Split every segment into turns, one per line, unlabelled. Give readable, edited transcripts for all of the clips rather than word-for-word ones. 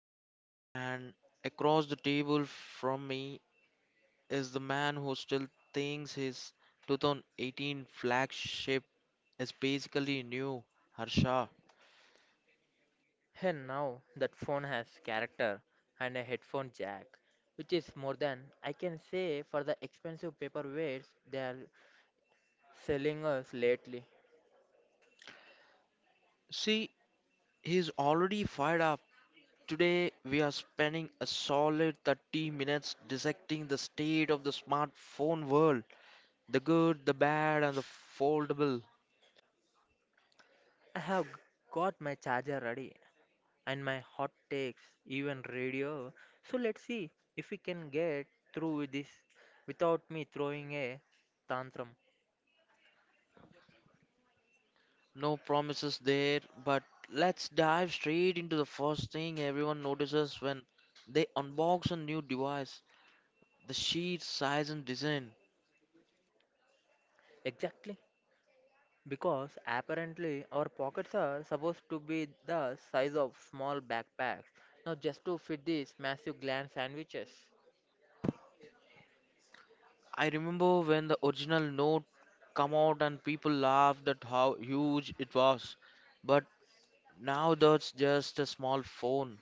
Venkat, and across the table from me is the man who still thinks his 2018 flagship is basically new, Harsha.
And now that phone has character and a headphone jack, which is more than I can say for the expensive paperweights they are selling us lately.
See, he's already fired up. Today, we are spending a solid 30 minutes dissecting the state of the smartphone world, the good, the bad, and the foldable.
I have got my charger ready and my hot takes, even radio. So let's see if we can get through with this without me throwing a tantrum.
No promises there, but let's dive straight into the first thing everyone notices when they unbox a new device, the sheer size and design.
Exactly. Because apparently our pockets are supposed to be the size of small backpacks, not just to fit these massive gland sandwiches.
I remember when the original Note came out and people laughed at how huge it was, but now that's just a small phone.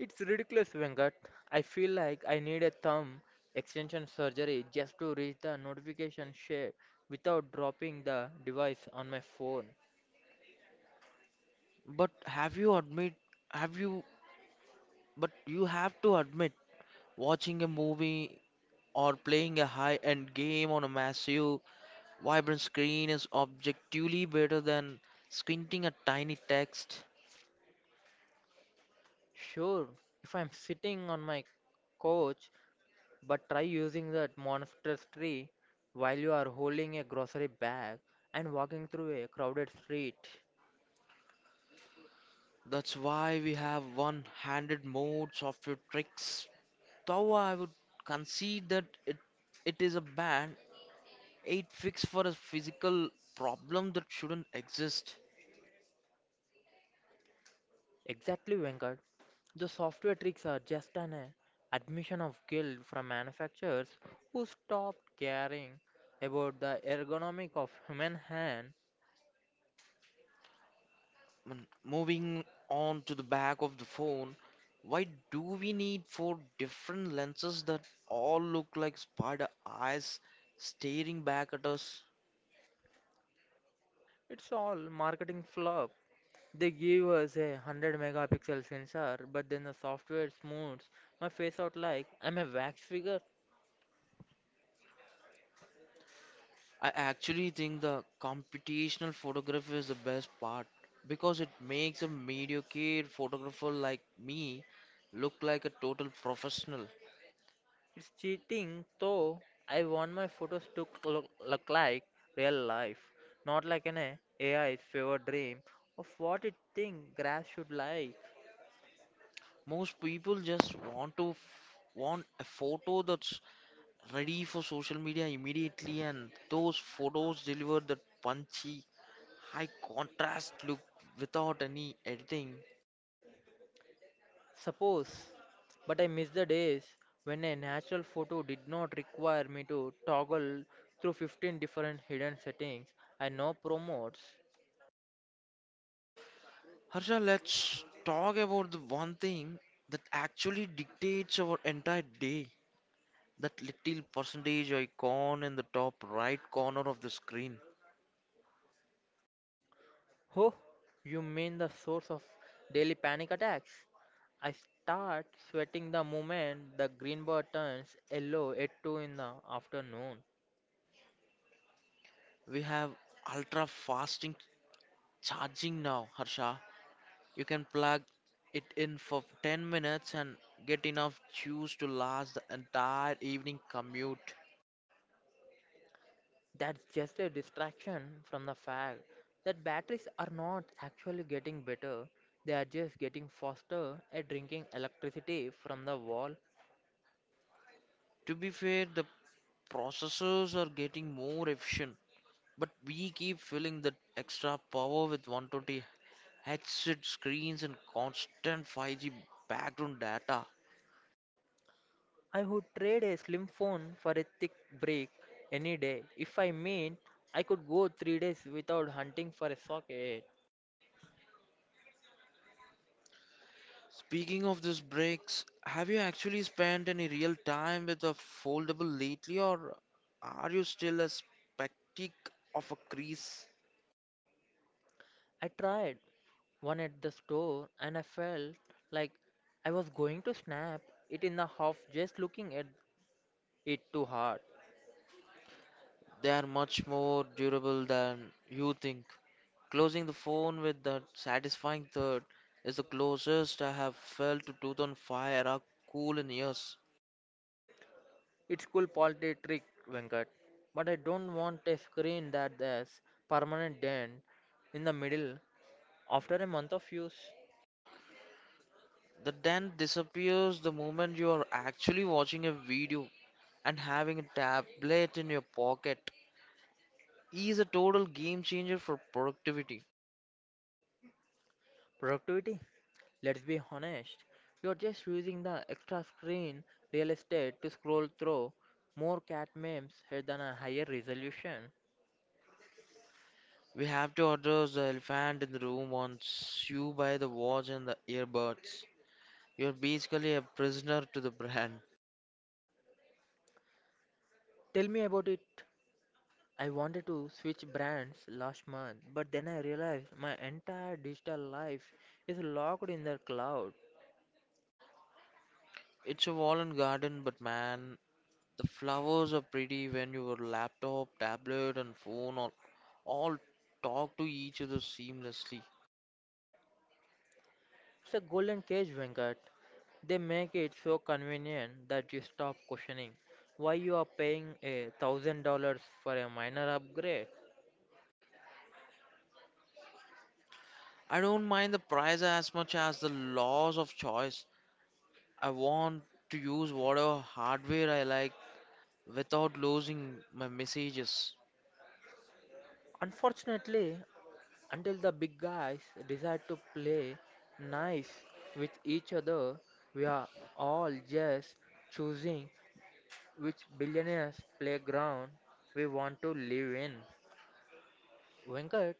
It's ridiculous, Venkat. I feel like I need a thumb extension surgery just to reach the notification share without dropping the device on my phone.
But have you admit have you but you have to admit, watching a movie or playing a high-end game on a massive vibrant screen is objectively better than squinting at tiny text.
Sure, if I'm sitting on my couch, but try using that monstrous tree while you are holding a grocery bag and walking through a crowded street.
That's why we have one handed mode software tricks. Though I would concede that it is a band aid fix for a physical problem that shouldn't exist.
Exactly, Venkat. The software tricks are just an admission of guilt from manufacturers who stopped caring about the ergonomic of human hand.
Moving on to the back of the phone, why do we need four different lenses that all look like spider eyes staring back at us?
It's all marketing flop. They give us a 100 megapixel sensor, but then the software smooths my face out like I'm a wax figure.
I actually think the computational photography is the best part because it makes a mediocre photographer like me look like a total professional.
It's cheating, though. I want my photos to look like real life, not like an AI's fever dream of what it think grass should like.
Most people just want a photo that's ready for social media immediately, and those photos deliver that punchy, high contrast look without any editing.
Suppose, but I miss the days when a natural photo did not require me to toggle through 15 different hidden settings I now promotes.
Harsha, let's talk about the one thing that actually dictates our entire day. That little percentage icon in the top right corner of the screen.
Oh, you mean the source of daily panic attacks? I start sweating the moment the green bar turns yellow at 2 in the afternoon.
We have ultra fasting charging now, Harsha. You can plug it in for 10 minutes and get enough juice to last the entire evening commute.
That's just a distraction from the fact that batteries are not actually getting better, they are just getting faster at drinking electricity from the wall.
To be fair, the processors are getting more efficient, but we keep filling that extra power with 120 hz screens and constant 5G background data.
I would trade a slim phone for a thick brick any day. If, I mean, I could go 3 days without hunting for a socket.
Speaking of these breaks, have you actually spent any real time with a foldable lately, or are you still a spectic of a crease?
I tried one at the store, and I felt like I was going to snap it in the half just looking at it too hard.
They are much more durable than you think. Closing the phone with that satisfying third is the closest I have felt to 2005 era cool in years.
It's cool quality trick, Venkat, but I don't want a screen that has permanent dent in the middle after a month of use.
The dent disappears the moment you are actually watching a video and having a tablet in your pocket. He is a total game changer for productivity.
Productivity? Let's be honest. You're just using the extra screen real estate to scroll through more cat memes than a higher resolution.
We have to address the elephant in the room once you buy the watch and the earbuds. You're basically a prisoner to the brand.
Tell me about it. I wanted to switch brands last month, but then I realized my entire digital life is locked in the cloud.
It's a wall and garden, but man, the flowers are pretty when your laptop, tablet, and phone all talk to each other seamlessly.
It's a golden cage, Venkat. They make it so convenient that you stop questioning why you are paying $1,000 for a minor upgrade.
I don't mind the price as much as the loss of choice. I want to use whatever hardware I like without losing my messages.
Unfortunately, until the big guys decide to play nice with each other, we are all just choosing which billionaire's playground we want to live in. Venkat,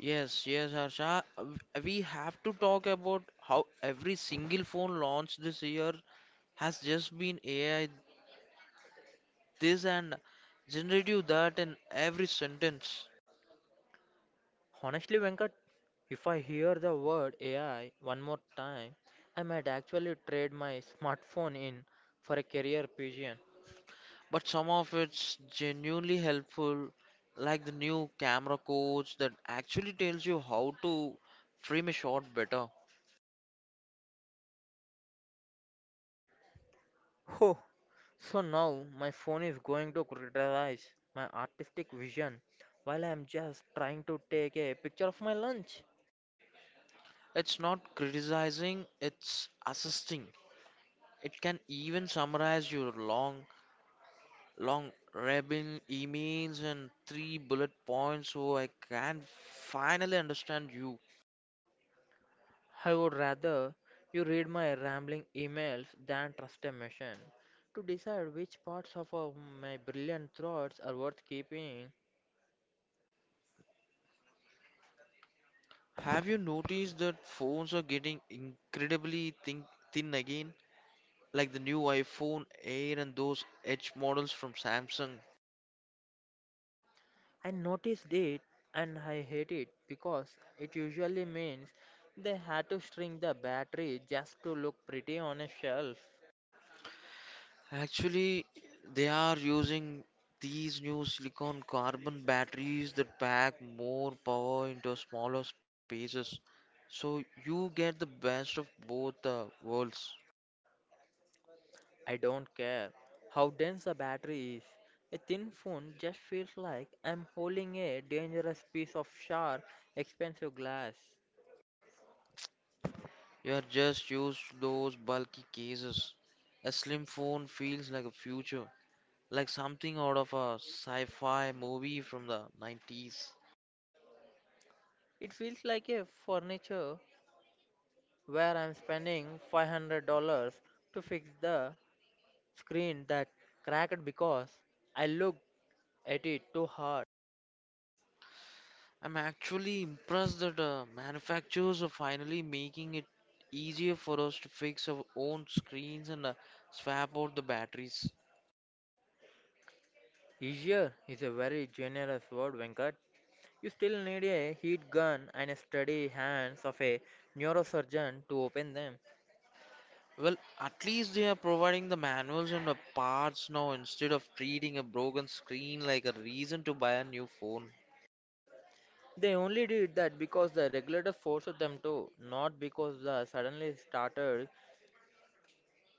Yes, yes, Harsha. We have to talk about how every single phone launched this year has just been AI this and generative that in every sentence.
honestly, Venkat, if I hear the word AI one more time, I might actually trade my smartphone in for a career pigeon.
But some of it's genuinely helpful, like the new camera coach that actually tells you how to frame a shot better.
Oh, so now my phone is going to criticize my artistic vision while I am just trying to take a picture of my lunch.
It's not criticizing, it's assisting. It can even summarize your long rabble emails and three bullet points so I can finally understand you.
I would rather you read my rambling emails than trust a machine to decide which parts of my brilliant thoughts are worth keeping.
Have you noticed that phones are getting incredibly thin again? Like the new iPhone Air and those Edge models from Samsung.
I noticed it and I hate it because it usually means they had to string the battery just to look pretty on a shelf.
Actually, they are using these new silicon carbon batteries that pack more power into smaller spaces. So you get the best of both the worlds.
I don't care how dense the battery is. A thin phone just feels like I'm holding a dangerous piece of sharp, expensive glass.
You are just used to those bulky cases. A slim phone feels like a future, like something out of a sci fi movie from the 90s.
It feels like a furniture where I'm spending $500 to fix the screen that cracked because I looked at it too hard.
I'm actually impressed that manufacturers are finally making it easier for us to fix our own screens and swap out the batteries.
Easier is a very generous word, Venkat. You still need a heat gun and a steady hands of a neurosurgeon to open them.
Well, at least they are providing the manuals and the parts now instead of treating a broken screen like a reason to buy a new phone.
They only did that because the regulator forced them to, not because they suddenly started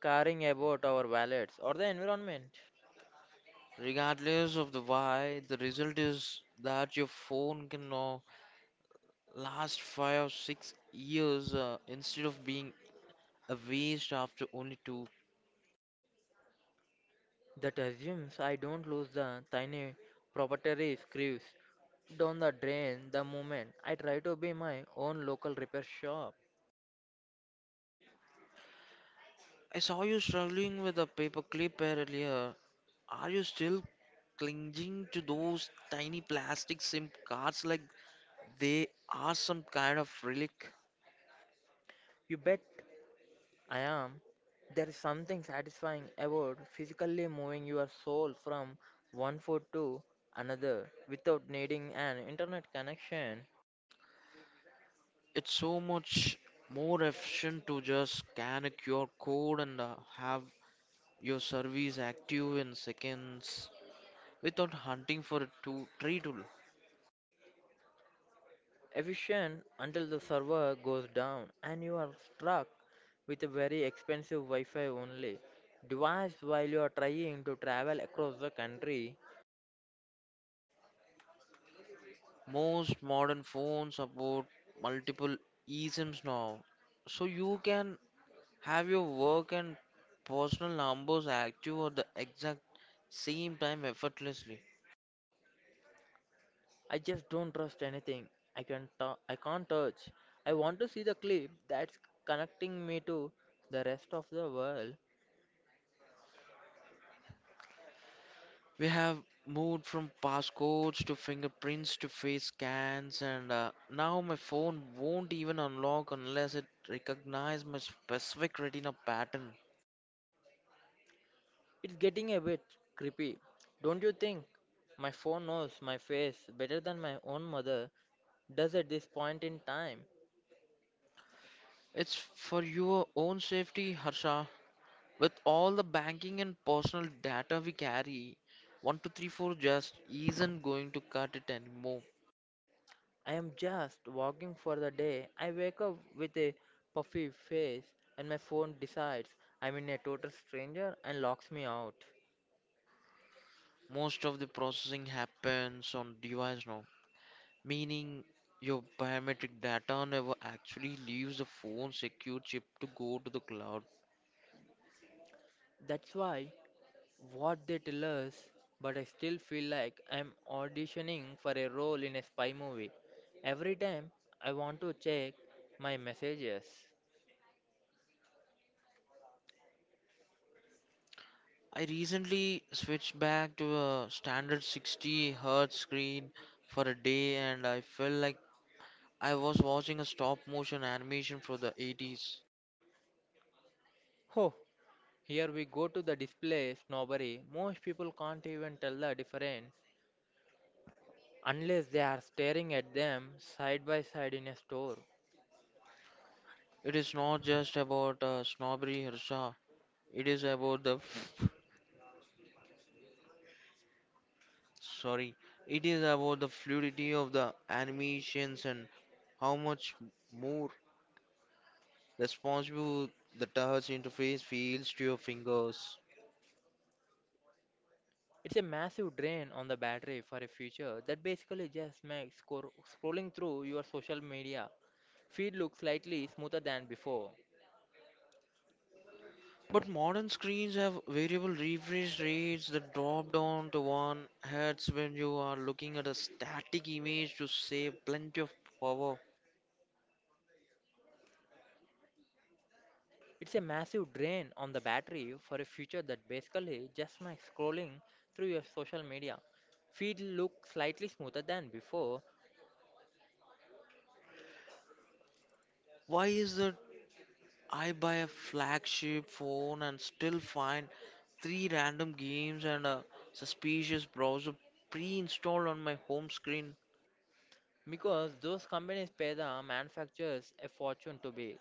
caring about our wallets or the environment.
Regardless of the why, the result is that your phone can now last 5 or 6 years, instead of being a waste after only two.
That assumes I don't lose the tiny proprietary screws down the drain the moment I try to be my own local repair shop.
I saw you struggling with a paper clip earlier. Are you still clinging to those tiny plastic SIM cards like they are some kind of relic?
You bet I am. There is something satisfying about physically moving your soul from one foot to another without needing an internet connection.
It's so much more efficient to just scan a QR code and have your service active in seconds, without hunting for a tool, tree tool.
Efficient until the server goes down and you are stuck with a very expensive Wi Fi only device while you are trying to travel across the country.
Most modern phones support multiple eSIMs now, so you can have your work and personal numbers active at the exact same time effortlessly.
I just don't trust anything I can't touch. I want to see the clip that's connecting me to the rest of the world.
We have moved from passcodes to fingerprints to face scans, and now my phone won't even unlock unless it recognizes my specific retina pattern.
It's getting a bit creepy, don't you think? My phone knows my face better than my own mother does at this point in time.
It's for your own safety, Harsha. With all the banking and personal data we carry, 1234 just isn't going to cut it anymore.
I am just walking for the day. I wake up with a puffy face and my phone decides I'm in a total stranger and locks me out.
Most of the processing happens on device now, meaning your biometric data never actually leaves the phone secure chip to go to the cloud.
That's why what they tell us, but I still feel like I'm auditioning for a role in a spy movie every time I want to check my messages.
I recently switched back to a standard 60 hertz screen for a day and I felt like I was watching a stop motion animation for the 80s.
Oh, here we go to the display snobbery. Most people can't even tell the difference unless they are staring at them side by side in a store.
It is not just about snobbery, Harsha. It is about sorry. the fluidity of the animations and how much more responsive the touch interface feels to your fingers.
It's a massive drain on the battery for a future that basically just makes scrolling through your social media feed look slightly smoother than before.
But modern screens have variable refresh rates that drop down to 1 hertz when you are looking at a static image to save plenty of power.
It's a massive drain on the battery for a future that basically just makes scrolling through your social media feed look slightly smoother than before,
Why is that? I buy a flagship phone and still find three random games and a suspicious browser pre-installed on my home screen.
because those companies pay the manufacturers a fortune to be,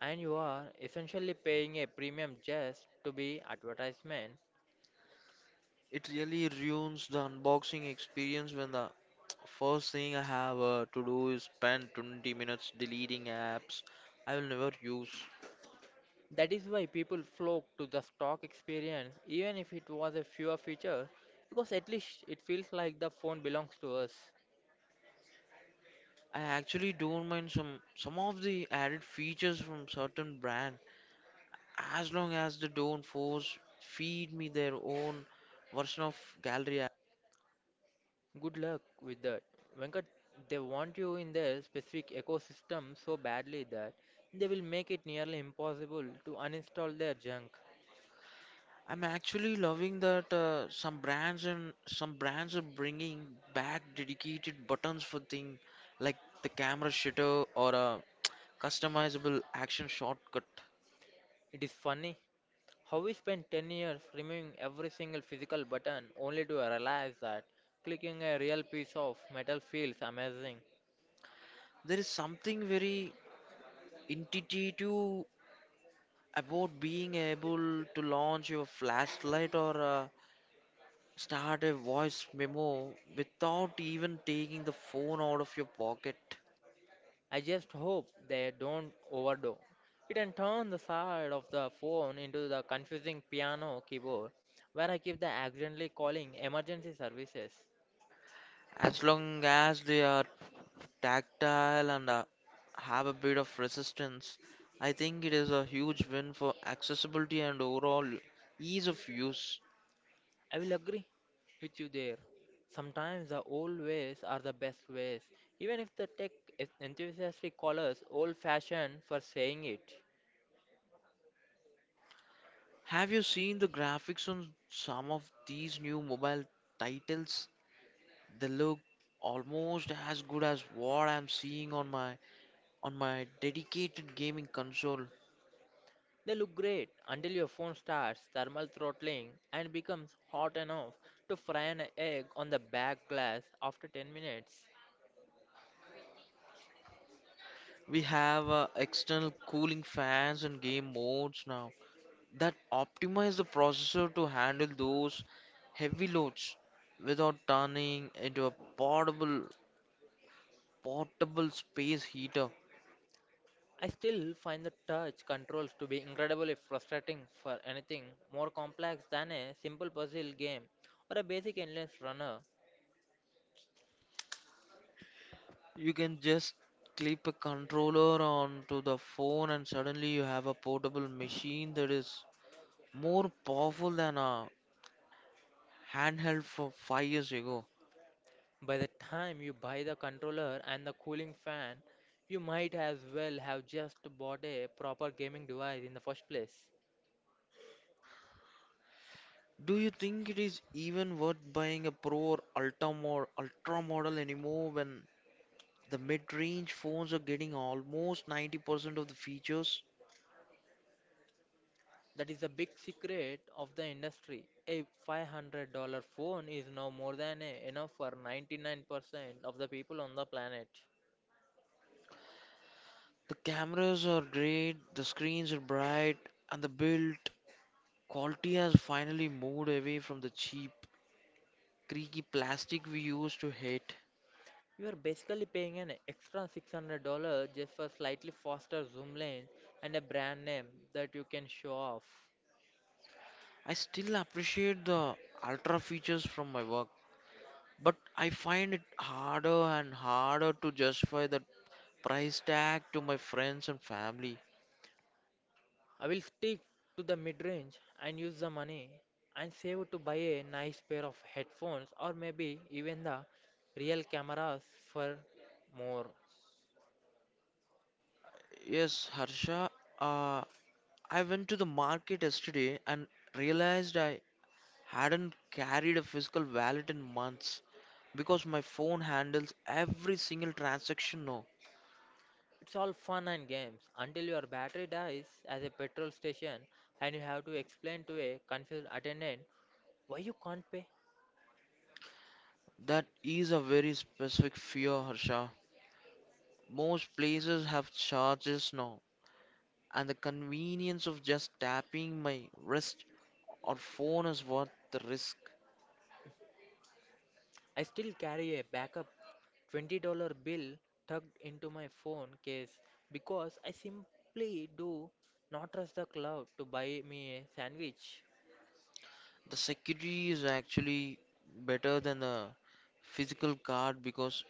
and you are essentially paying a premium just to be advertisement.
It really ruins the unboxing experience when the first thing I have to do is spend 20 minutes deleting apps I will never use.
That is why people flock to the stock experience, even if it was a fewer feature, because at least it feels like the phone belongs to us.
I actually don't mind some of the added features from certain brand, as long as they don't force feed me their own version of gallery.
Good luck with that. Venkat, they want you in their specific ecosystem so badly that they will make it nearly impossible to uninstall their junk.
I'm actually loving that some brands are bringing back dedicated buttons for things like the camera shutter or a customizable action shortcut.
It is funny how we spent 10 years removing every single physical button only to realize that clicking a real piece of metal feels amazing.
There is something very intuitive about being able to launch your flashlight or start a voice memo without even taking the phone out of your pocket.
I just hope they don't overdose it and turn the side of the phone into the confusing piano keyboard where I keep the accidentally calling emergency services.
As long as they are tactile and have a bit of resistance, I think it is a huge win for accessibility and overall ease of use.
I will agree with you there. Sometimes the old ways are the best ways, even if the tech enthusiastic callers old fashioned for saying it.
Have you seen the graphics on some of these new mobile titles? They look almost as good as what I'm seeing on my dedicated gaming console.
They look great until your phone starts thermal throttling and becomes hot enough to fry an egg on the back glass after 10 minutes.
We have external cooling fans and game modes now that optimize the processor to handle those heavy loads without turning into a portable portable space heater.
I still find the touch controls to be incredibly frustrating for anything more complex than a simple puzzle game or a basic endless runner.
You can just clip a controller onto the phone and suddenly you have a portable machine that is more powerful than a handheld for 5 years ago.
By the time you buy the controller and the cooling fan, you might as well have just bought a proper gaming device in the first place.
Do you think it is even worth buying a Pro or Ultra model anymore when the mid range phones are getting almost 90% of the features?
That is the big secret of the industry. A $500 phone is now more than enough for 99% of the people on the planet.
The cameras are great, the screens are bright, and the build quality has finally moved away from the cheap, creaky plastic we used to hate.
You are basically paying an extra $600 just for slightly faster zoom lens and a brand name that you can show off.
I still appreciate the ultra features from my work, but I find it harder and harder to justify the price tag to my friends and family.
I will stick to the mid-range and use the money and save it to buy a nice pair of headphones or maybe even the real cameras for more.
Yes, Harsha, uh, I went to the market yesterday and realized I hadn't carried a physical wallet in months because my phone handles every single transaction now.
It's all fun and games until your battery dies at a petrol station and you have to explain to a confused attendant why you can't pay.
That is a very specific fear, Harsha. Most places have charges now, and the convenience of just tapping my wrist or phone is worth the risk.
I still carry a backup $20 bill tucked into my phone case because I simply do not trust the cloud to buy me a sandwich.
The security is actually better than the physical card because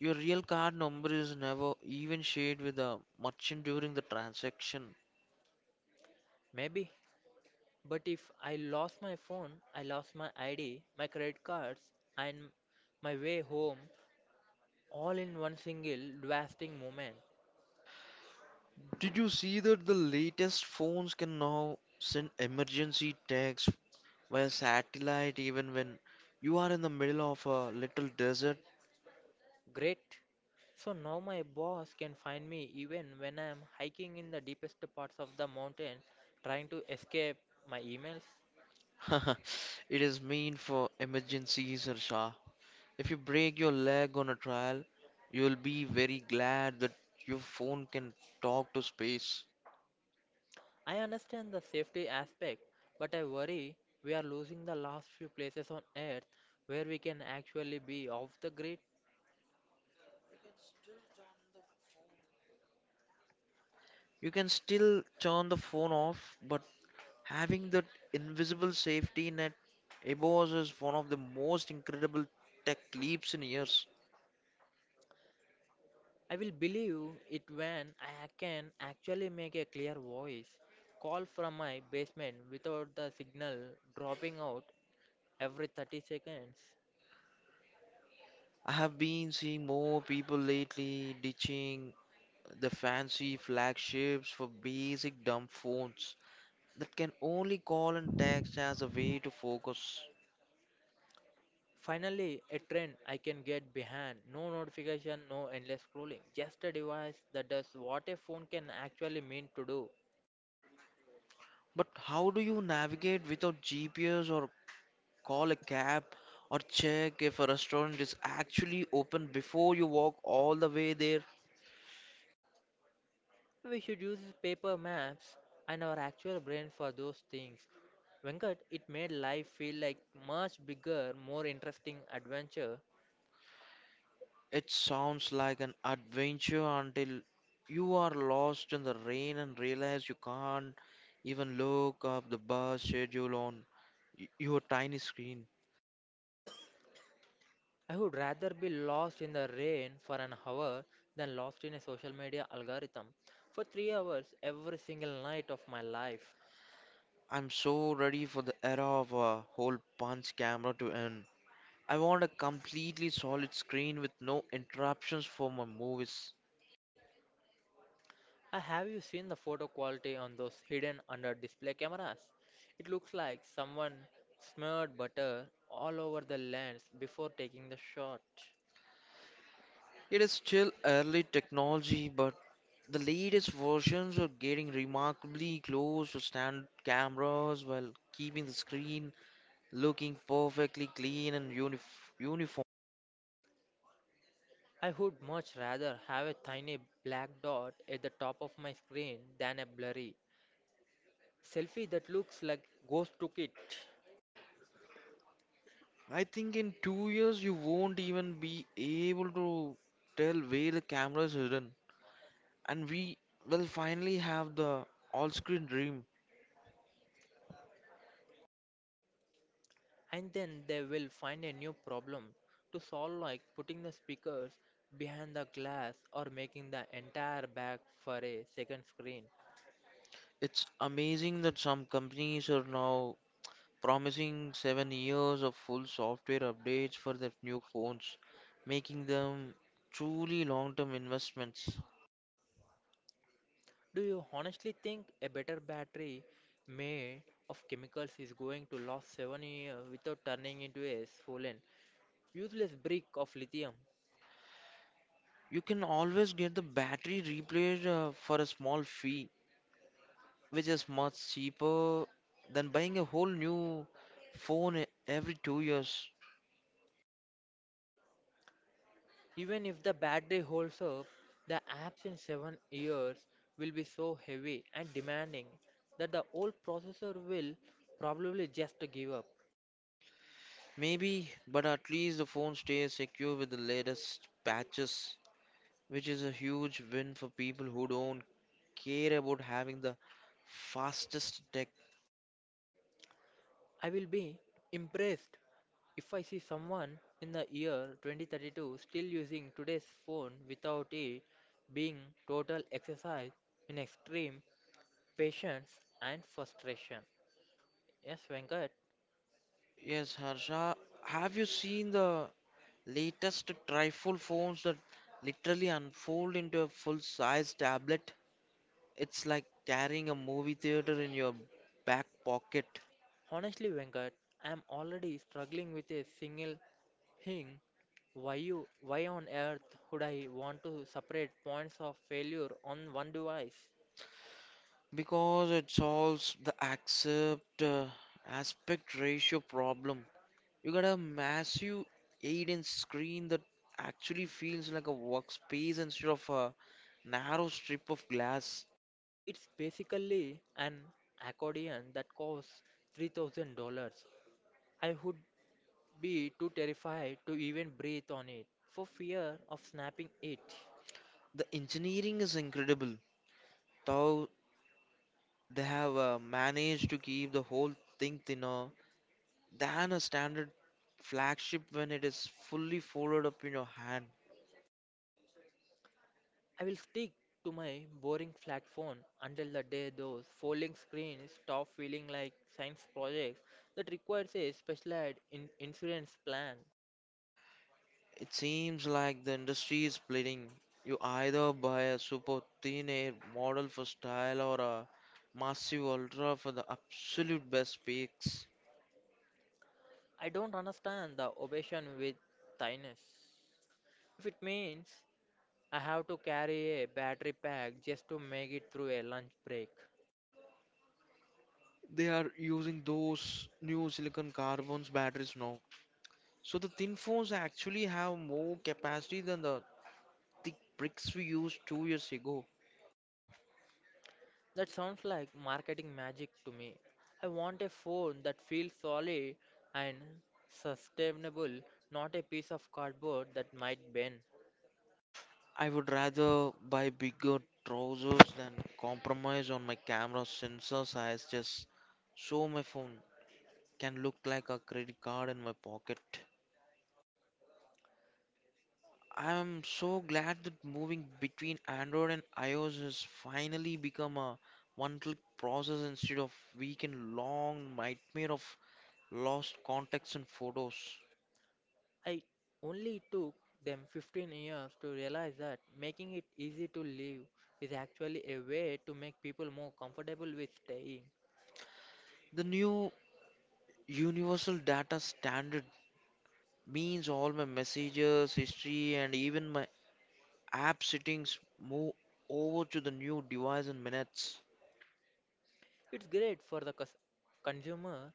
your real card number is never even shared with the merchant during the transaction.
Maybe, but if I lost my phone, I lost my ID, my credit cards, and my way home all in one single lasting moment.
Did you see that the latest phones can now send emergency texts via satellite even when you are in the middle of a little desert?
Great. So now my boss can find me even when I am hiking in the deepest parts of the mountain trying to escape my emails.
It is meant for emergencies, Harsha. If you break your leg on a trial, you will be very glad that your phone can talk to space.
I understand the safety aspect, but I worry we are losing the last few places on earth where we can actually be off the grid.
You can still turn the phone off, but having that invisible safety net above us is one of the most incredible tech leaps in years.
I will believe it when I can actually make a clear voice call from my basement without the signal dropping out every 30 seconds.
I have been seeing more people lately ditching the fancy flagships for basic dumb phones that can only call and text as a way to focus.
Finally, a trend I can get behind. No notification, no endless scrolling. Just a device that does what a phone can actually mean to do.
But how do you navigate without GPS, or call a cab, or check if a restaurant is actually open before you walk all the way there?
We should use paper maps and our actual brain for those things, Venkat. It made life feel like much bigger, more interesting adventure.
It sounds like an adventure until you are lost in the rain and realize you can't even look up the bus schedule on your tiny screen.
I would rather be lost in the rain for an hour than lost in a social media algorithm for 3 hours every single night of my life.
I'm so ready for the era of a hole punch camera to end. I want a completely solid screen with no interruptions for my movies.
Have you seen the photo quality on those hidden under display cameras? It looks like someone smeared butter all over the lens before taking the shot.
It is still early technology, but the latest versions are getting remarkably close to standard cameras while keeping the screen looking perfectly clean and uniform.
I would much rather have a tiny black dot at the top of my screen than a blurry selfie that looks like ghost took it.
I think in 2 years you won't even be able to tell where the camera is hidden. And we will finally have the all screen dream.
And then they will find a new problem to solve, like putting the speakers behind the glass or making the entire back for a second screen.
It's amazing that some companies are now promising 7 years of full software updates for their new phones, making them truly long term investments.
Do you honestly think a better battery made of chemicals is going to last 7 years without turning into a swollen, useless brick of lithium?
You can always get the battery replaced, for a small fee, which is much cheaper than buying a whole new phone every 2 years.
Even if the battery holds up, the apps in 7 years will be so heavy and demanding that the old processor will probably just give up.
Maybe, but at least the phone stays secure with the latest patches, which is a huge win for people who don't care about having the fastest tech.
I will be impressed if I see someone in the year 2032 still using today's phone without it being total exercise in extreme patience and frustration. Yes, Venkat.
Yes, Harsha, have you seen the latest trifold phones that literally unfold into a full-size tablet? It's like carrying a movie theater in your back pocket.
Honestly, Venkat, I am already struggling with a single thing. Why on earth would I want to separate points of failure on one device?
Because it solves the accept aspect ratio problem. You got a massive 8-inch screen that actually feels like a workspace instead of a narrow strip of glass.
It's basically an accordion that costs $3,000. I would be too terrified to even breathe on it for fear of snapping it.
The engineering is incredible, though they have managed to keep the whole thing thinner than a standard flagship when it is fully folded up in your hand.
I will stick to my boring flat phone until the day those folding screens stop feeling like science projects that requires a specialized insurance plan.
It seems like the industry is splitting. You either buy a super thin air model for style or a massive ultra for the absolute best peaks.
I don't understand the obsession with thiness, if it means I have to carry a battery pack just to make it through a lunch break.
They are using those new silicon carbons batteries now. So the thin phones actually have more capacity than the thick bricks we used 2 years ago.
That sounds like marketing magic to me. I want a phone that feels solid and sustainable, not a piece of cardboard that might bend.
I would rather buy bigger trousers than compromise on my camera sensor size just so my phone can look like a credit card in my pocket. I'm so glad that moving between Android and iOS has finally become a one click process instead of weekend long nightmare of lost contacts and photos.
I only took them 15 years to realize that making it easy to live is actually a way to make people more comfortable with staying.
The new universal data standard means all my messages, history, and even my app settings move over to the new device in minutes.
It's great for the consumer,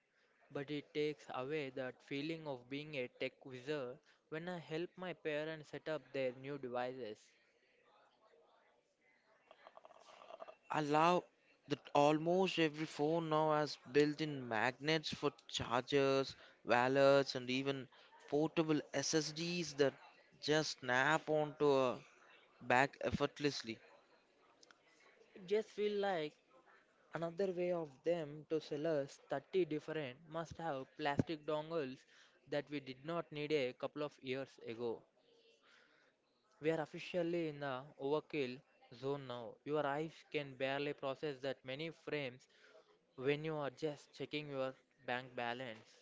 but it takes away that feeling of being a tech wizard when I help my parents set up their new devices.
I love that almost every phone now has built-in magnets for chargers, wallets, and even portable SSDs that just snap onto a back effortlessly.
It just feels like another way of them to sell us 30 different must have plastic dongles that we did not need a couple of years ago. We are officially in the overkill zone now. Your eyes can barely process that many frames when you are just checking your bank balance.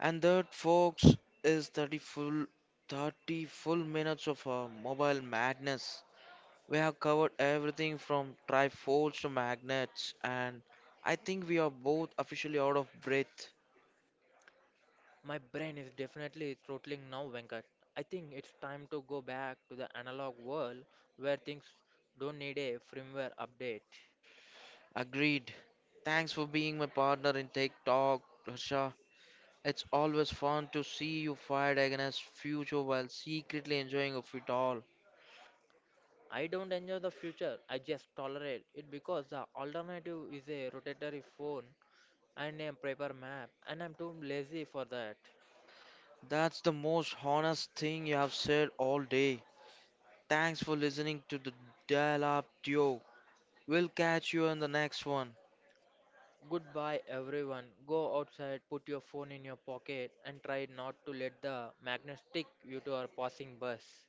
And that, folks, is 30 full minutes of mobile madness. We have covered everything from trifolds to magnets, and I think we are both officially out of breath.
My brain is definitely throttling now, Venkat. I think it's time to go back to the analog world where things don't need a firmware update.
Agreed. Thanks for being my partner in Tech Talk, Harsha. It's always fun to see you fight against future while secretly enjoying of it all.
I don't enjoy the future, I just tolerate it because the alternative is a rotatory phone and a paper map, and I'm too lazy for that.
That's the most honest thing you have said all day. Thanks for listening to the dial-up duo. We'll catch you in the next one.
Goodbye, everyone. Go outside, put your phone in your pocket, and try not to let the magnet stick you to our passing bus.